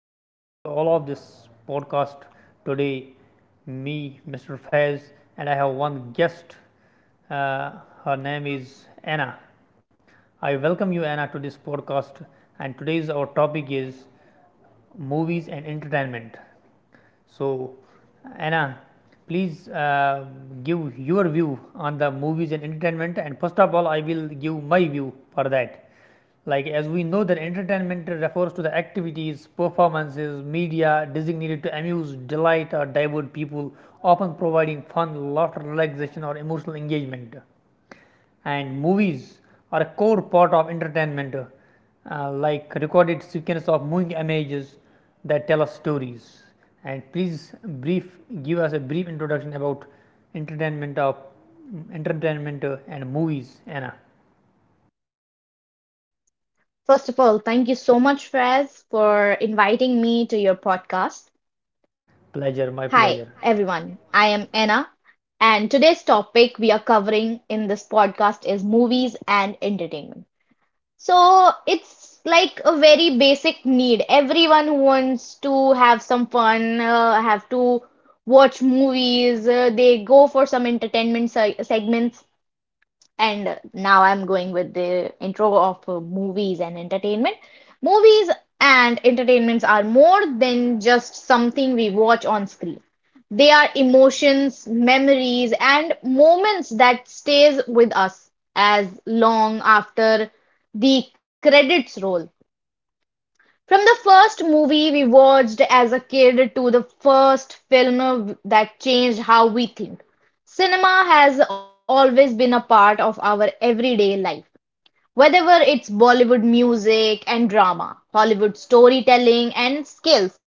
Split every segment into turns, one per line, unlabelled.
welcome you to all of this podcast today. Me, Mr. Faiz, and I have one guest. Uh, Her name is Anna. I welcome you, Anna, to this podcast. And today's our topic is movies and entertainment. So, Anna, please give your view on the movies and entertainment, and first of all, I will give my view for that. Like, as we know, that entertainment refers to the activities, performances, media designated to amuse, delight, or divert people, often providing fun, laughter, relaxation, or emotional engagement, and movies are a core part of entertainment, like recorded sequence of moving images that tell us stories. And please, brief give us a brief introduction about entertainment of entertainment and movies, Anna.
First of all, thank you so much, Fraz, for inviting me to your podcast.
Pleasure
Hi,
My pleasure.
everyone. I am Anna, and today's topic we are covering in this podcast is movies and entertainment. So it's like a very basic need. Everyone who wants to have some fun, have to watch movies. They go for some entertainment se segments, and now I'm going with the intro of movies and entertainment. Movies and entertainments are more than just something we watch on screen. They are emotions, memories, and moments that stays with us as long after the credits roll. From the first movie we watched as a kid to the first film that changed how we think, cinema has always been a part of our everyday life. Whether it's Bollywood music and drama, Hollywood storytelling and skills,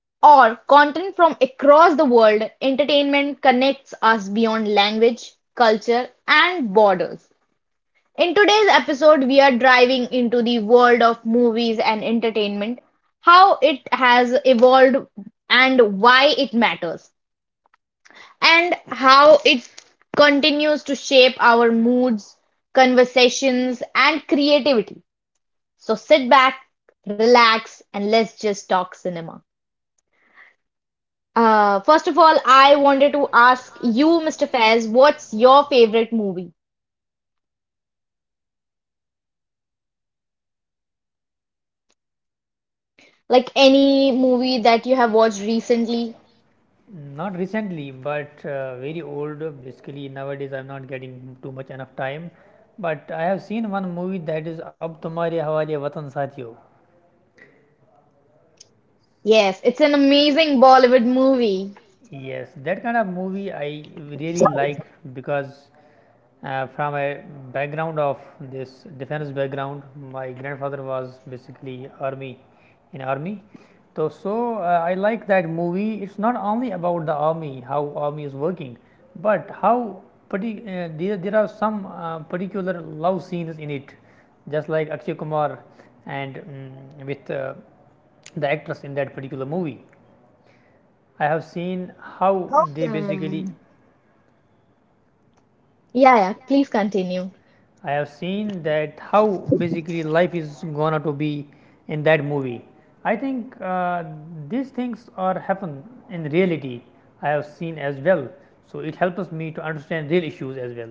or content from across the world, entertainment connects us beyond language, culture, and borders. In today's episode, we are driving into the world of movies and entertainment, how it has evolved and why it matters, and how it continues to shape our moods, conversations, and creativity. So sit back, relax, and let's just talk cinema. First of all, I wanted to ask you, Mr. Faiz, what's your favorite movie? Like any movie that you have watched recently?
Not recently, but very old. Basically, nowadays I'm not getting too much enough time, but I have seen one movie that is Ab Tumhare Hawale Watan Sathiyo.
Yes, it's an amazing Bollywood movie.
Yes, that kind of movie I really like, because from a background of this defense background, my grandfather was basically in army. So, I like that movie. It's not only about the army, how army is working, but how there are some particular love scenes in it, just like Akshay Kumar and, with the actress in that particular movie. I have seen how they
Okay.
basically
Yeah, yeah, please continue.
I have seen that how basically life is gonna to be in that movie. I think these things are happen in reality. I have seen as well, so it helps me to understand real issues as well.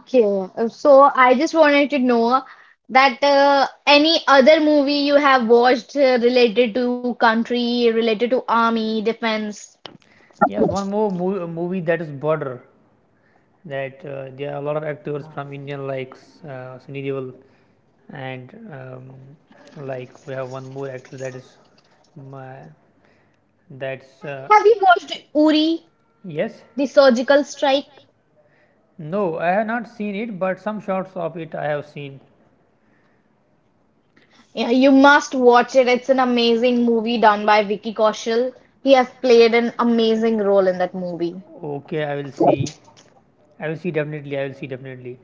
Okay. So I just wanted to know that any other movie you have watched related to country, related to army, defense.
Yes, one more movie that is Border. That there are a lot of actors from Indian, like Sunny Deol and, like we have one more actor that is my, that's
Have you watched Uri,
yes.
The Surgical Strike?
No, I have not seen it, but some shots of it I have seen.
Yeah, you must watch it. It's an amazing movie done by Vicky Kaushal. He has played an amazing role in that movie.
Movie. Okay, I will see. I will see definitely. I will see definitely.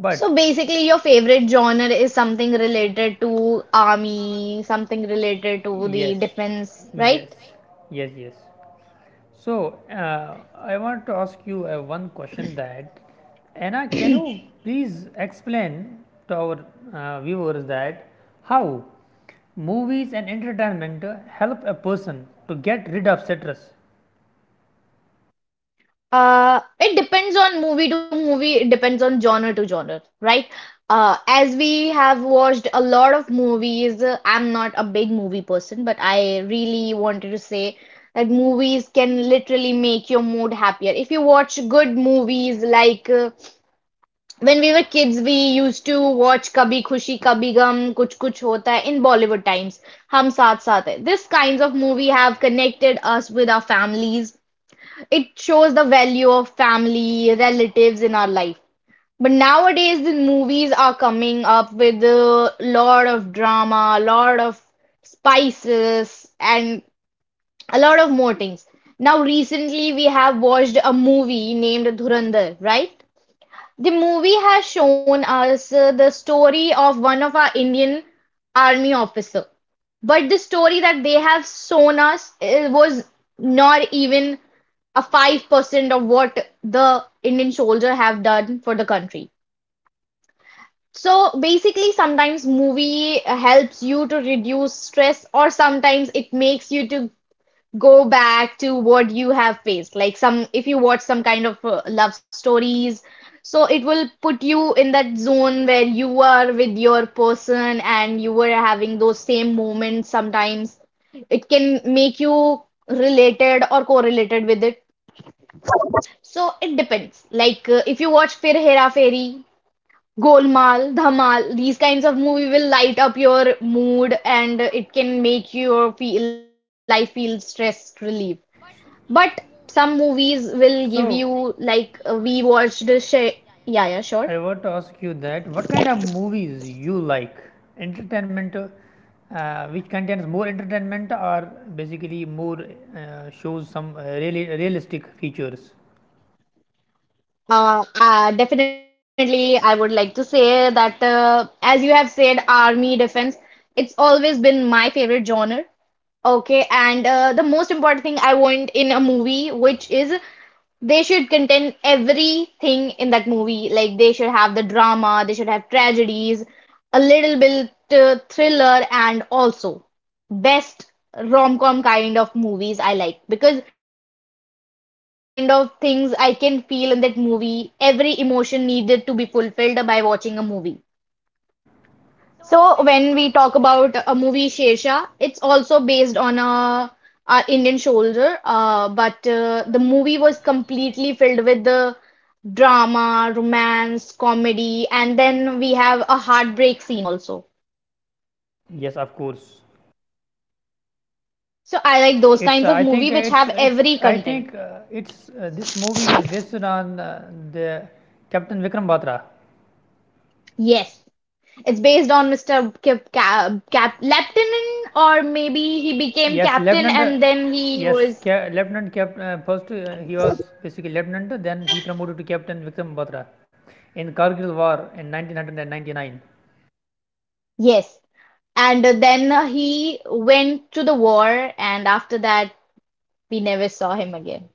But
So basically, your favorite genre is something related to army, something related to the defense, right?
yes, yes. So, I want to ask you one question, that Anna, can you please explain to our viewers that how movies and entertainment help a person to get rid of stress?
It depends on movie to movie, it depends on genre to genre, right? As we have watched a lot of movies, I'm not a big movie person, but I really wanted to say that movies can literally make your mood happier. If you watch good movies like when we were kids, we used to watch Kabhi Khushi Kabhi Gum, Kuch Kuch Hota Hai in Bollywood times, Hum Saath Saath Hai. This kinds of movie have connected us with our families. It shows the value of family relatives in our life. But nowadays the movies are coming up with a lot of drama, a lot of spices, and a lot of more things. Now recently we have watched a movie named Dhurandhar, right? The movie has shown us the story of one of our Indian army officer, but the story that they have shown us was not even a 5% of what the Indian soldier have done for the country. So basically, sometimes movie helps you to reduce stress, or sometimes it makes you to go back to what you have faced. Like some, if you watch some kind of love stories, so it will put you in that zone where you are with your person and you were having those same moments sometimes. It can make you related or correlated with it. So it depends. Like if you watch Fir Hera Fairy, Golmaal, Dhamal, these kinds of movie will light up your mood and it can make your fe life feel stress relief. But some movies will give you
So-
like we watched the Sh yeah, yeah, sure.
I want to ask you that what kind of movies you like. Entertainment which contains more entertainment, or basically more, shows some really realistic features.
Definitely I would like to say that as you have said, army defense, it's always been my favorite genre. Okay, and the most important thing I want in a movie which is they should contain everything in that movie. Like they should have the drama, they should have tragedies, a little bit thriller and also best rom-com kind of movies I like, because every kind of things I can feel in that movie, every emotion needed to be fulfilled by watching a movie. So when we talk about a movie Shersha, it's also based on a Indian soldier, but the movie was completely filled with the drama, romance, comedy, and then we have a heartbreak scene also.
Yes, of course.
So I like those
It's
kinds of
I think
movie which have
which it's
every
I think
content.
it's This movie is based on the Captain Vikram Batra.
Yes, it's based on Mr. Cap Laptanen, or maybe he became
Yes,
captain
lieutenant.
and then he
Yes,
was
lieutenant captain. First, he was basically lieutenant. Then he promoted to Captain Vikram Batra in Kargil War in 1999.
yes, and then he went to the war, and after that we never saw him again.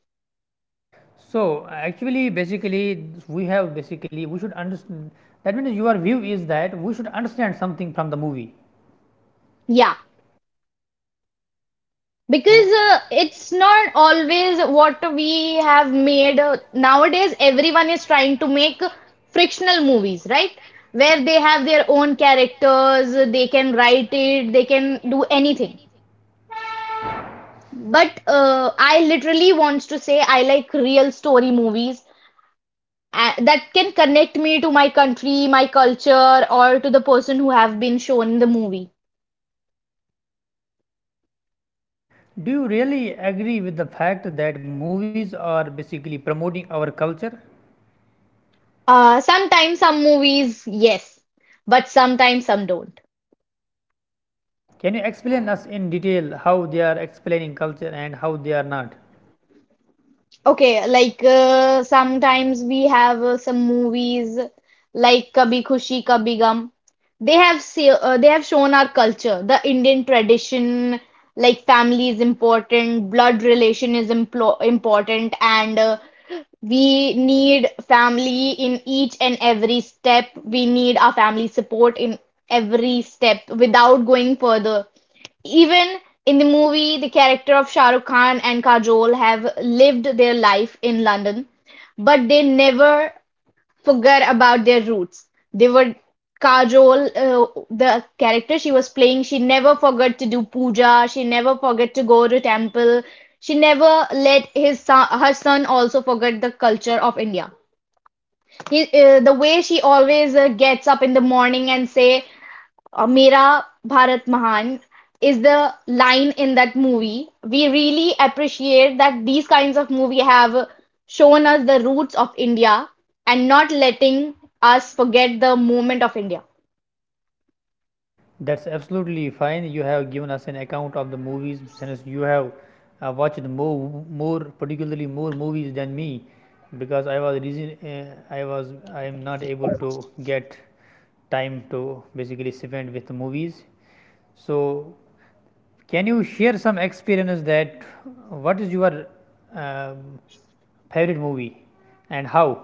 So actually, basically, we have basically we should understand. That means your view is that we should understand something from the movie.
Yeah, because it's not always what we have made nowadays. Everyone is trying to make frictional movies, right? Where they have their own characters, they can write it, they can do anything. But I literally wants to say I like real story movies that can connect me to my country, my culture, or to the person who have been shown in the movie.
Do you really agree with the fact that movies are basically promoting our culture?
Sometimes some movies, yes, but sometimes some don't.
Can you explain us in detail how they are explaining culture and how they are not?
Okay, like sometimes we have some movies like Kabhi Khushi Kabhi Gum. They have say, they have shown our culture, the Indian tradition, like family is important, blood relation is implo important, and we need family in each and every step. We need our family support in every step without going further. Even in the movie, the character of Shah Rukh Khan and Kajol have lived their life in London, but they never forget about their roots. They were cajole the character she was playing. She never forgot to do puja. She never forgot to go to temple. She never let his son, her son also forget the culture of India. He, the way she always gets up in the morning and say "Mera Bharat Mahan" is the line in that movie. We really appreciate that these kinds of movie have shown us the roots of India and not letting us forget the moment of India.
That's absolutely fine. You have given us an account of the movies, since you have watched more particularly more movies than me, because I was reason I was I am not able to get time to basically spend with movies. So can you share some experience, that what is your um, favorite movie and how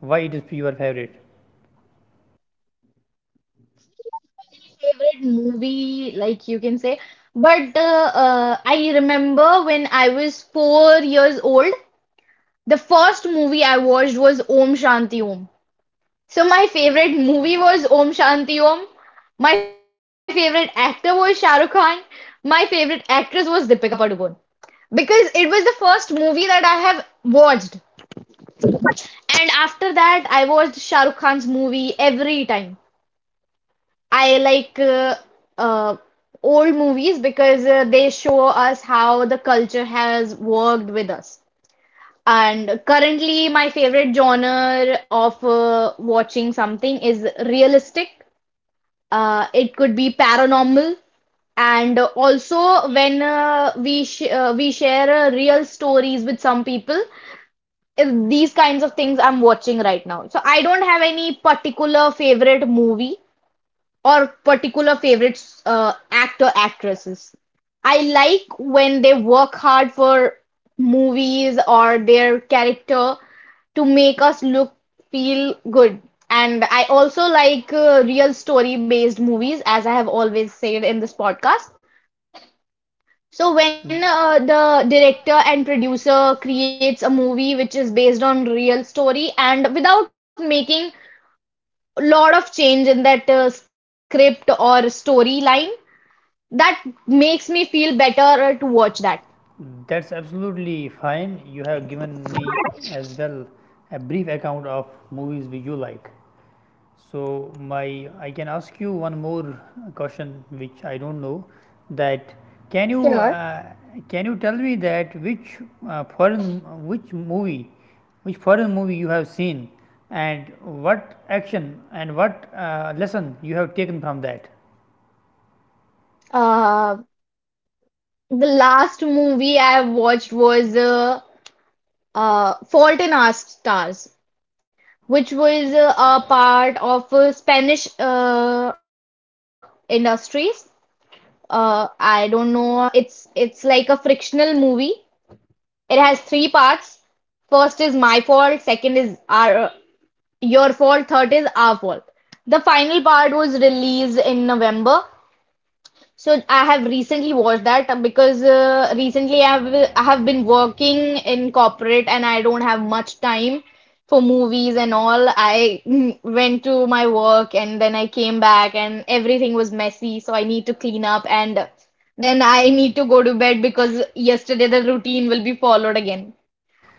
why it is your favorite?
Favorite movie, like you can say, but I remember when I was 4 years old, the first movie I watched was Om Shanti Om. So my favorite movie was Om Shanti Om. My favorite actor was Shah Rukh Khan. My favorite actress was Deepika Padukone because it was the first movie that I have watched. And after that, I watched Shah Rukh Khan's movie every time. I like uh, old movies because they show us how the culture has worked with us. And currently, my favorite genre of watching something is realistic, it could be paranormal, and also when we share real stories with some people. If these kinds of things I'm watching right now, so I don't have any particular favorite movie or particular favorites, actor actresses. I like when they work hard for movies or their character to make us look feel good. And I also like real story based movies, as I have always said in this podcast. So when the director and producer creates a movie which is based on real story and without making a lot of change in that script or storyline, that makes me feel better to watch that.
That's absolutely fine. You have given me as well a brief account of movies which you like. So my I can ask you one more question which I don't know, that can you
Sure.
uh, can you tell me that uh, foreign which movie which foreign movie you have seen, and what action and what lesson you have taken from that.
Uh, the last movie I have watched was Fault in Our Stars, which was a part of Spanish Industries. I don't know. It's like a frictional movie. It has three parts. First is my fault. Second is our your fault. Third is our fault. The final part was released in November. So I have recently watched that because recently I have been working in corporate and I don't have much time for movies and all. I went to my work and then I came back and everything was messy, so I need to clean up and then I need to go to bed because yesterday the routine will be followed again.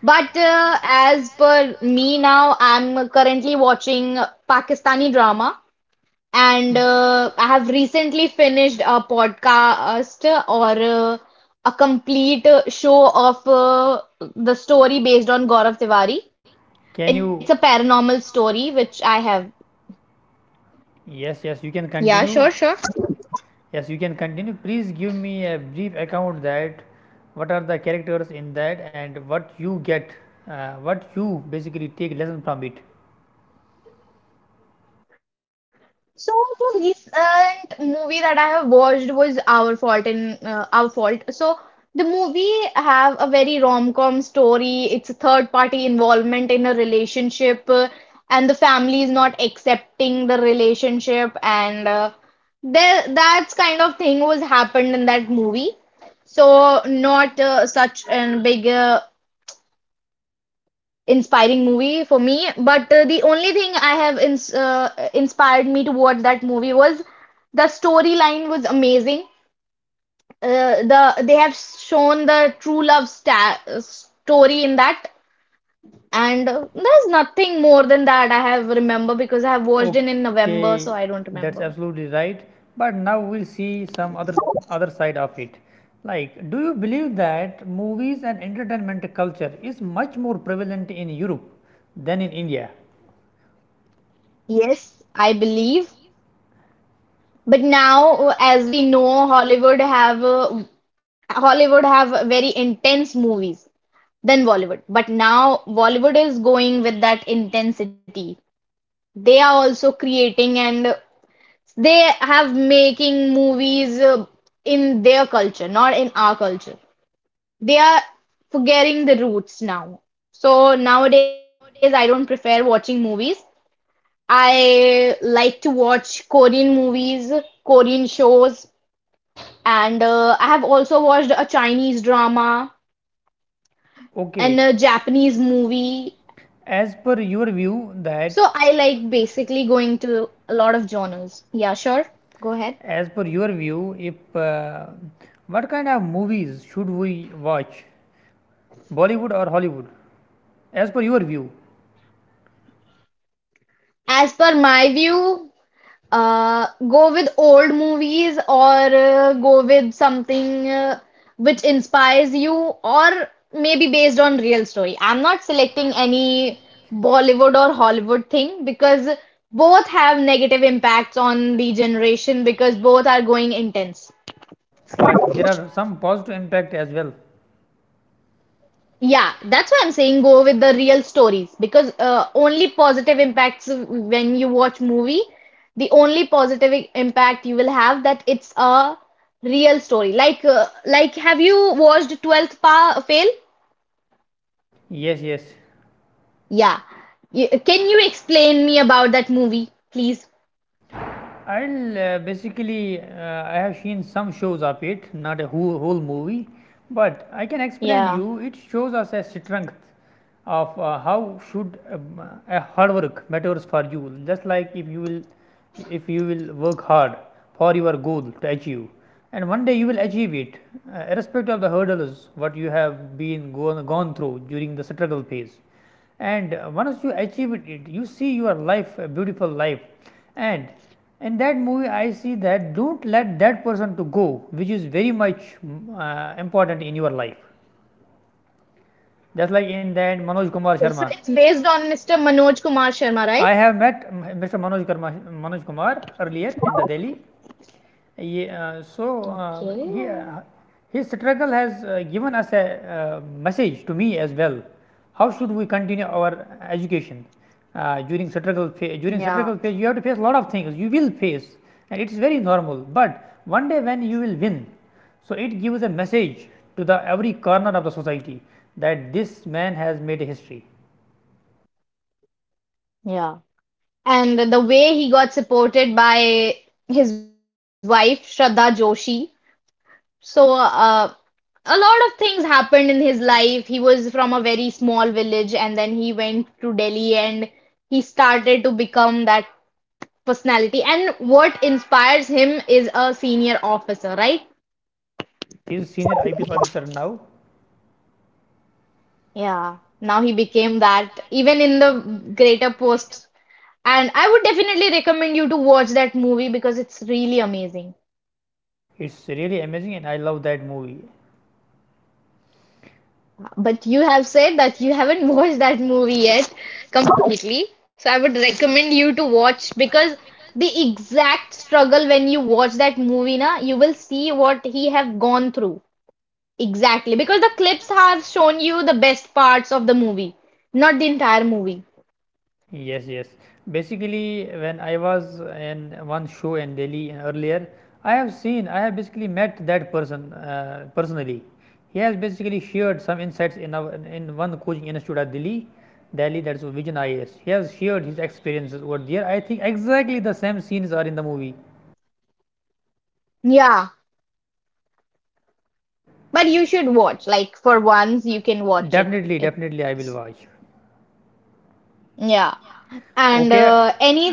But as per me now, I'm currently watching Pakistani drama. And I have recently finished a podcast or a complete show of the story based on Gaurav Tiwari. It's a
Can you
paranormal story, which I have.
Yes, yes, you can
Yeah, sure,
continue.
sure.
Yes, you can continue. Please give me a brief account that what are the characters in that, and what you get, what you basically take lesson from it.
So the recent movie that I have watched was Our Fault in Our Fault. So the movie have a very rom-com story. It's a third party involvement in a relationship, and the family is not accepting the relationship, and there that's kind of thing was happened in that movie. So not such a big inspiring movie for me. But the only thing I have inspired me to watch that movie was the storyline was amazing. They have shown the true love sta story in that, and there's nothing more than that I have remember because I have watched it in November,
Okay,
so I don't
that's
remember.
absolutely right. But now we'll see some other side of it. Like, do you believe that movies and entertainment culture is much more prevalent in Europe than in India?
Yes, I believe. But now, as we know, Hollywood have very intense movies than Bollywood. But now Bollywood is going with that intensity. They are also creating and they have making movies in their culture, not in our culture. They are forgetting the roots now. So nowadays I don't prefer watching movies. I like to watch Korean movies, Korean shows, and I have also watched a Chinese drama and
Okay,
a Japanese movie.
as per your view that
So I like basically going to a lot of genres. Yeah, sure. Go ahead.
as per your view, if what kind of movies should we watch, Bollywood or Hollywood? As per your view,
As per my view, go with old movies or go with something which inspires you or maybe based on real story. I'm not selecting any Bollywood or Hollywood thing because both have negative impacts on the generation because both are going intense.
but there are some positive impact as well.
Yeah, that's why I'm saying go with the real stories because only positive impacts when you watch movie, the only positive impact you will have that it's a real story. Like have you watched 12th Pa Fail?
Yes, yes.
Yeah. Can you explain me about that movie, please?
I have seen some shows of it, not a whole, whole movie, but I can explain you.
Yeah.
It shows us a strength of, how should a hard work matters for you. Just like if you will work hard for your goal to achieve, and one day you will achieve it, irrespective of the hurdles what you have been gone through during the struggle phase. And once you achieve it, you see your life, a beautiful life, and in that movie I see that do not let that person to go, which is very much, important in your life. Just like in that Manoj Kumar
Okay, so
Sharma.
it's
Based
based
on
on Mr.
Mister Manoj
Manoj
Kumar
Kumar Sharma,
Sharma, right?
right?
I have met, Mr. Manoj Kumar earlier in the Delhi. yeah, uh, so uh,
Okay.
he, uh, his struggle has, given us a, message to me as well. How should we continue our education, during struggle phase? During
Yeah.
struggle phase, you have to face a lot of things. You will face, and it's very normal. But one day when you will win, so it gives a message to the every corner of the society that this man has made a history.
Yeah. And the way he got supported by his wife Shraddha Joshi. So a lot of things happened in his life. He was from a very small village and then he went to Delhi and he started to become that personality. And what inspires him is a senior officer, right?
Yes, he is senior IPS officer now.
Yeah. Now he became that even in the greater posts. And I would definitely recommend you to watch that movie because it's really amazing.
It's really amazing, and I love that movie.
But you have said that you haven't watched that movie yet completely. So I would
Basic.
recommend you to watch because the exact struggle when you watch that movie na, you will see what he have gone through. Exactly. Because the clips have shown you the best parts of the movie, not the entire movie.
Yes, yes. Basically, when I was in one show in Delhi earlier, I have basically met that person personally. He has basically shared some insights in in one coaching institute at Delhi. That's Vision IAS. He has shared his experiences over there. I think exactly the same scenes are in the movie.
Yeah. But you should watch. Like for once you can
Can.
watch it.
Definitely,
It's
definitely, I will watch.
yeah. And
Okay.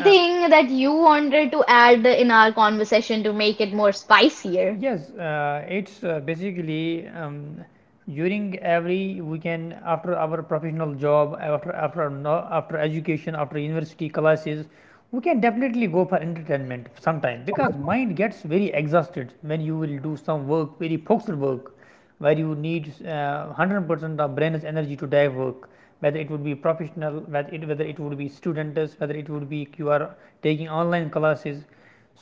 Uh,
that you wanted to add in our conversation to make it more spicier?
Yes, it's basically, during every weekend, after our professional job, after no, after education, after university classes, we can definitely go for entertainment sometime, because mind gets very exhausted when you will do some work, very focused work where you need 100% of brain's energy to dive work, whether it would be professional, whether it would be students, whether it would be you are taking online classes.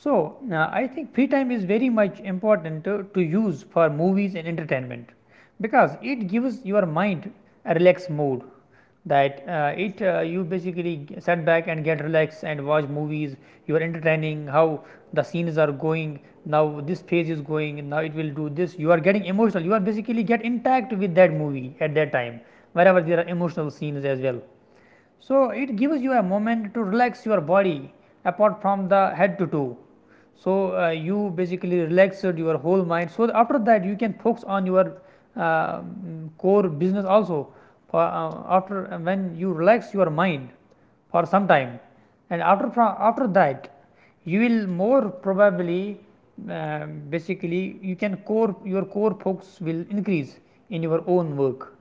So, I think free time is very much important to use for movies and entertainment, because it gives your mind a relaxed mode, that it you basically sit back and get relaxed and watch movies. You are entertaining how the scenes are going now, this phase is going, and now it will do this. You are getting emotional, you are basically get intact with that movie at that time, wherever there are emotional scenes as well. So it gives you a moment to relax your body, apart from the head to toe. So, you basically relaxed your whole mind. So after that you can focus on your, uh, core business also. For, after when you relax your mind for some time, and after, after that you will more probably, uh, basically, your core focus will increase in your own work.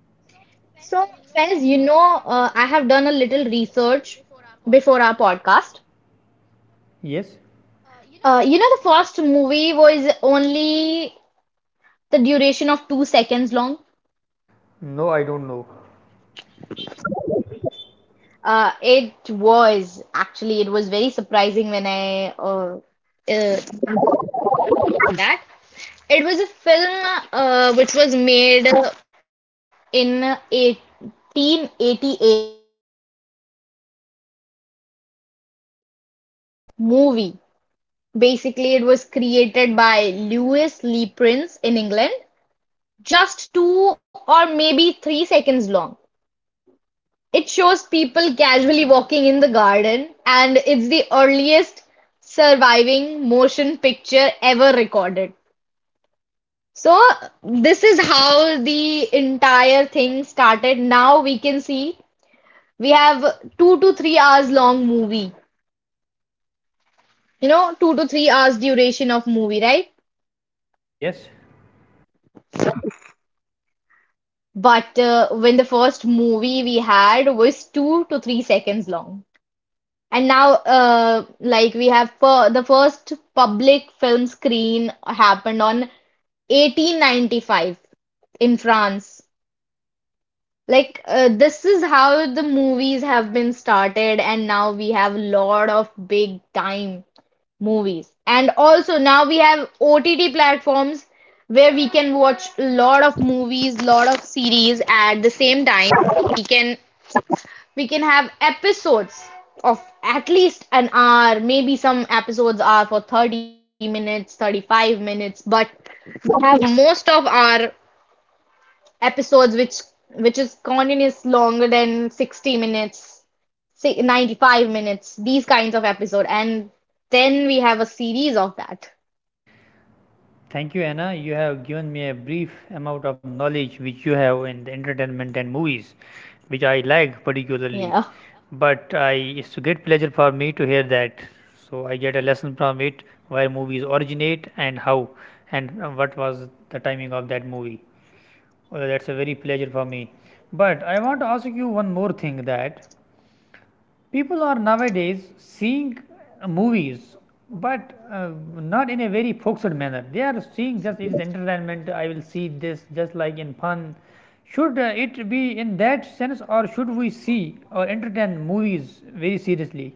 So, Fez, you know, I have done a little research before our podcast.
Yes.
You know, the first movie was only the duration of 2 seconds long.
No, I don't know.
It was actually, it was very surprising when I got that. It was a film which was made in 1888. It was the first movie. Basically, it was created by Louis Lee Prince in England, just two or maybe 3 seconds long. It shows people casually walking in the garden, and it's the earliest surviving motion picture ever recorded. So, this is how the entire thing started. Now we can see we have 2 to 3 hours long movie, you know, 2 to 3 hours duration of movie, right?
Yes.
But when the first movie we had was 2 to 3 seconds long. And now, like we have the first public film screen happened on 1895 in France. Like, this is how the movies have been started, and now we have a lot of big time movies. And also now we have OTT platforms where we can watch a lot of movies, lot of series at the same time. We can we can have episodes of at least an hour, maybe some episodes are for 30 minutes, 35 minutes, but we have most of our episodes which is continuous longer than 60 minutes, si, 95 minutes, these kinds of episode and then we have a series of that.
Thank you, Anna. You have given me a brief amount of knowledge which you have in the entertainment and movies, which I like particularly.
Yeah.
But I, it's a great pleasure for me to hear that. So I get a lesson from it where movies originate, and how and what was the timing of that movie. Well, that's a very pleasure for me. But I want to ask you one more thing, that people are nowadays seeing movies, but uh, not in a very focused manner. They are seeing just it is entertainment. I will see this just like in fun. Should it be in that sense, or should we see or entertain movies very seriously?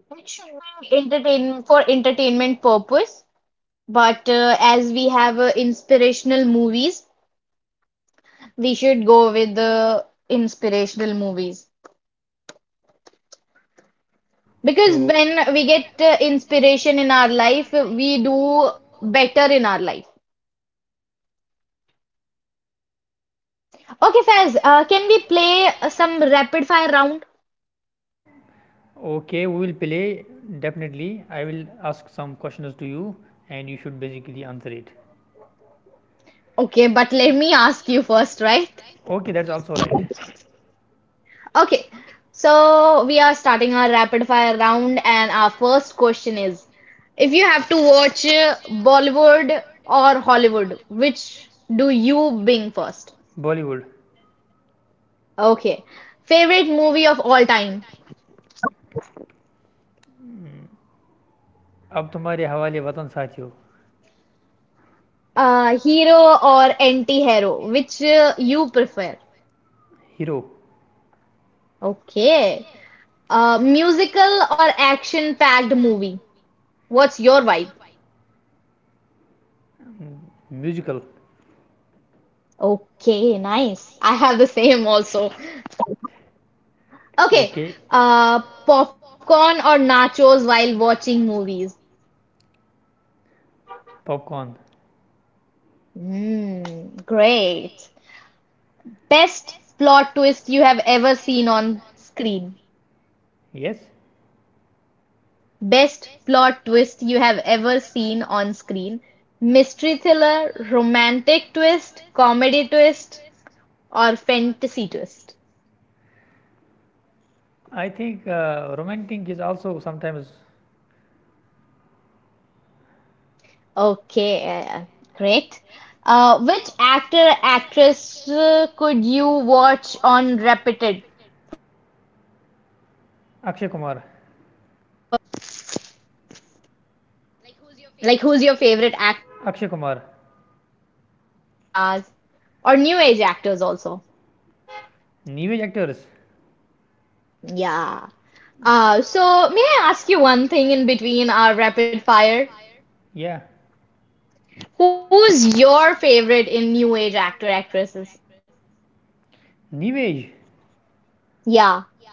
It should be entertain for entertainment purpose, but as we have inspirational movies, we should go with the inspirational movies. Because
So,
when we get inspiration in our life, we do better in our life. Okay, Faz, can we play some rapid fire round?
okay, we will play definitely. I will ask some questions to you, and you should basically answer it.
Okay, but let me ask you first, right?
Okay, that's also right.
Okay, so we are starting our rapid fire round, and our first question is, if you have to watch Bollywood or Hollywood, which do you bing
Prefer?
first?
Bollywood.
Okay, favorite movie of all time,
Now, your favorite actor is.
hero or anti-hero, which you prefer?
Hero.
Okay, musical or action-packed movie, what's your vibe?
Musical.
Okay, nice. I have the same also. Okay, popcorn or nachos while watching movies.
Popcorn.
Mm, great. Best plot twist you have ever seen on screen.
Yes.
Best plot twist you have ever seen on screen. Mystery thriller, romantic twist, comedy twist, or fantasy twist.
I think romantic is also sometimes.
Okay, great. Which actor, actress could you watch on repeated forever?
Akshay Kumar.
Like, who's your favorite actor, actress from Bollywood
Akshay Kumar.
superstars to Hollywood superstars or new age actors also?
New age actors?
Yeah. So may I ask you one thing in between our rapid fire?
Yeah.
Who's your favorite in new age actor, actresses?
New age.
Yeah.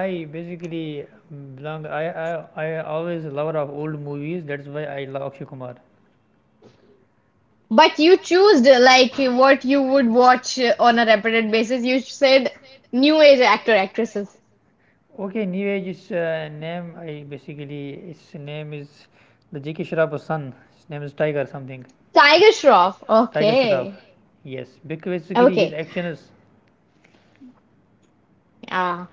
I basically belong. I always lover of old movies. That's why I love Akshay Kumar.
But you choose like what you would watch on a repeated basis. You said new age actor, actresses.
Okay, anyway, his name is the J.K. Shroff's son. His name is Tiger something.
Tiger Shroff.
Tiger Shroff. Okay.
Okay.
Yes, because basically his
Okay.
action is.
Ah.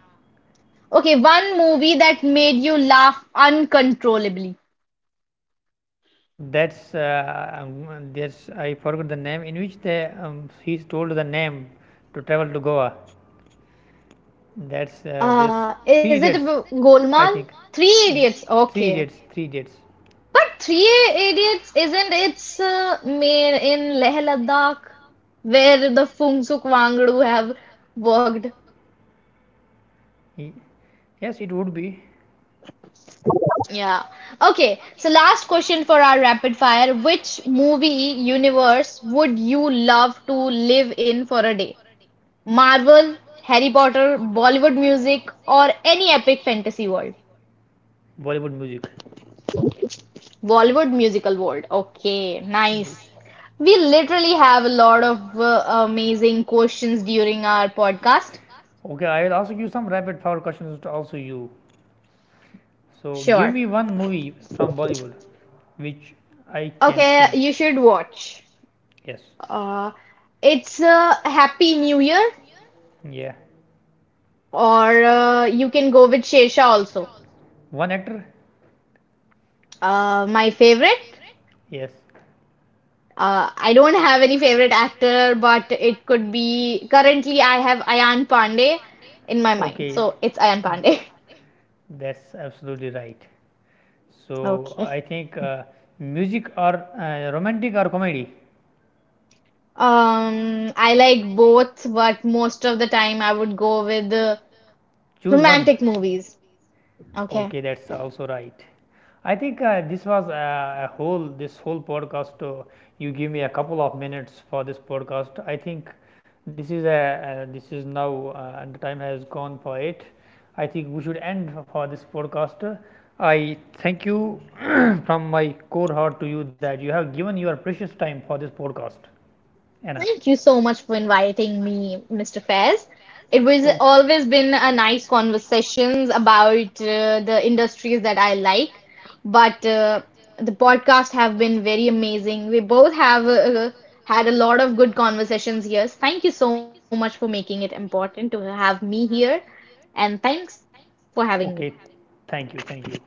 Okay, one movie that made you laugh uncontrollably.
That's uh, um, that's I forgot the name, in which they he's told the name to travel to Goa. That's this
Uh,
Three
is it
Idiots.
ab-
I
Golmaal?
think
Three
Roman?
Idiots.
Three
Okay.
Idiots, Three Idiots.
But Three Idiots isn't it's made in Leh Ladakh where the Fungsuk Wangdu have worked.
Ye- Yes, it would be.
Yeah. Okay, so last question for our rapid fire. Which movie universe would you love to live in for a day? Marvel, Harry Potter, Bollywood music, or any epic fantasy world?
Bollywood music.
Bollywood Musical World. Okay,
Yes.
nice. We literally have a lot of amazing questions during our podcast.
Okay, I will ask you some rapid fire questions to also you. So
Sure.
give me one movie from Bollywood which I can,
Okay,
see.
you should watch.
Yes.
Uh, it's Happy New Year,
Yeah.
or you can go with Shersha also.
One actor?
My favorite.
Yes.
I don't have any favorite actor, but it could be currently I have Ayan Pandey in my mind,
Okay.
so it's Ayan Pandey.
Pandey. That's absolutely right. So I
Okay.
think music or romantic or comedy.
I like both, but most of the time I would go with the
Choose one.
romantic movies. Okay.
Okay, that's also right. I think this was a whole this whole podcast. You give me a couple of minutes for this podcast. I think this is now, and the time has gone for it. I think we should end for this podcast. I thank you from my core heart to you that you have given your precious time for this podcast, Anna.
Thank you so much for inviting me, Mr. Faiz. It was
Okay.
always been a nice conversations about the industries that I like, but the podcast have been very amazing. We both have had a lot of good conversations here. Thank you so much for making it important to have me here, and thanks for having me.
Okay, thank you, thank you.